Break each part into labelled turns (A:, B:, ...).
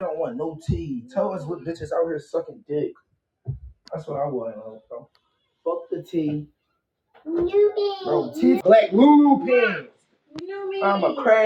A: don't want no tea. Tell us what bitches out here sucking dick. That's what I want, bro. Fuck the tea. New Bro, tea. Black pants. I'm a crab.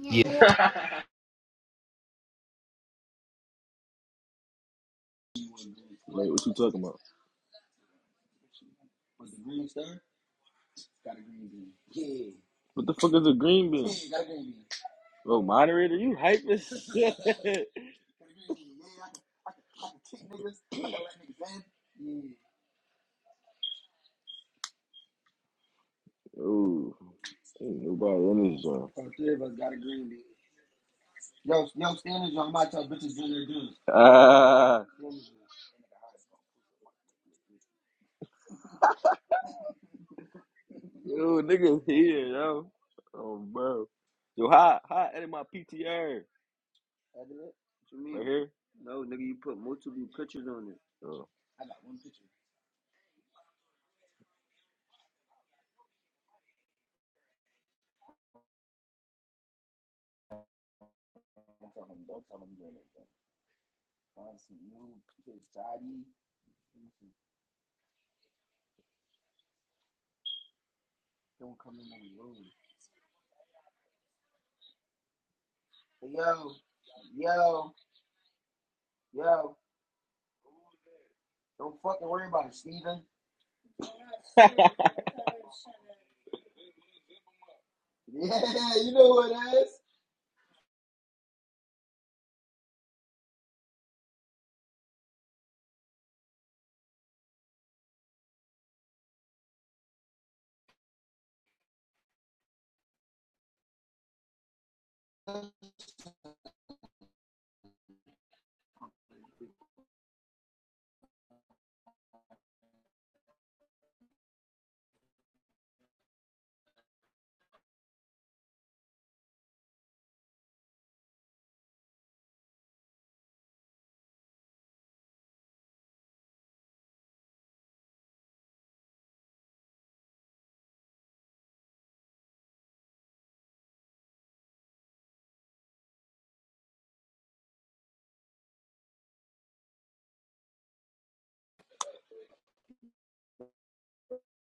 B: Yeah.
C: Wait, what you talking about? What the fuck is a green bean? Oh, moderator, you hype as shit. Ooh, ain't nobody in this joint. Ah, yo, niggas here, yo. Oh, bro. Yo, hi, hi, edit my PTR. Right here. Oh.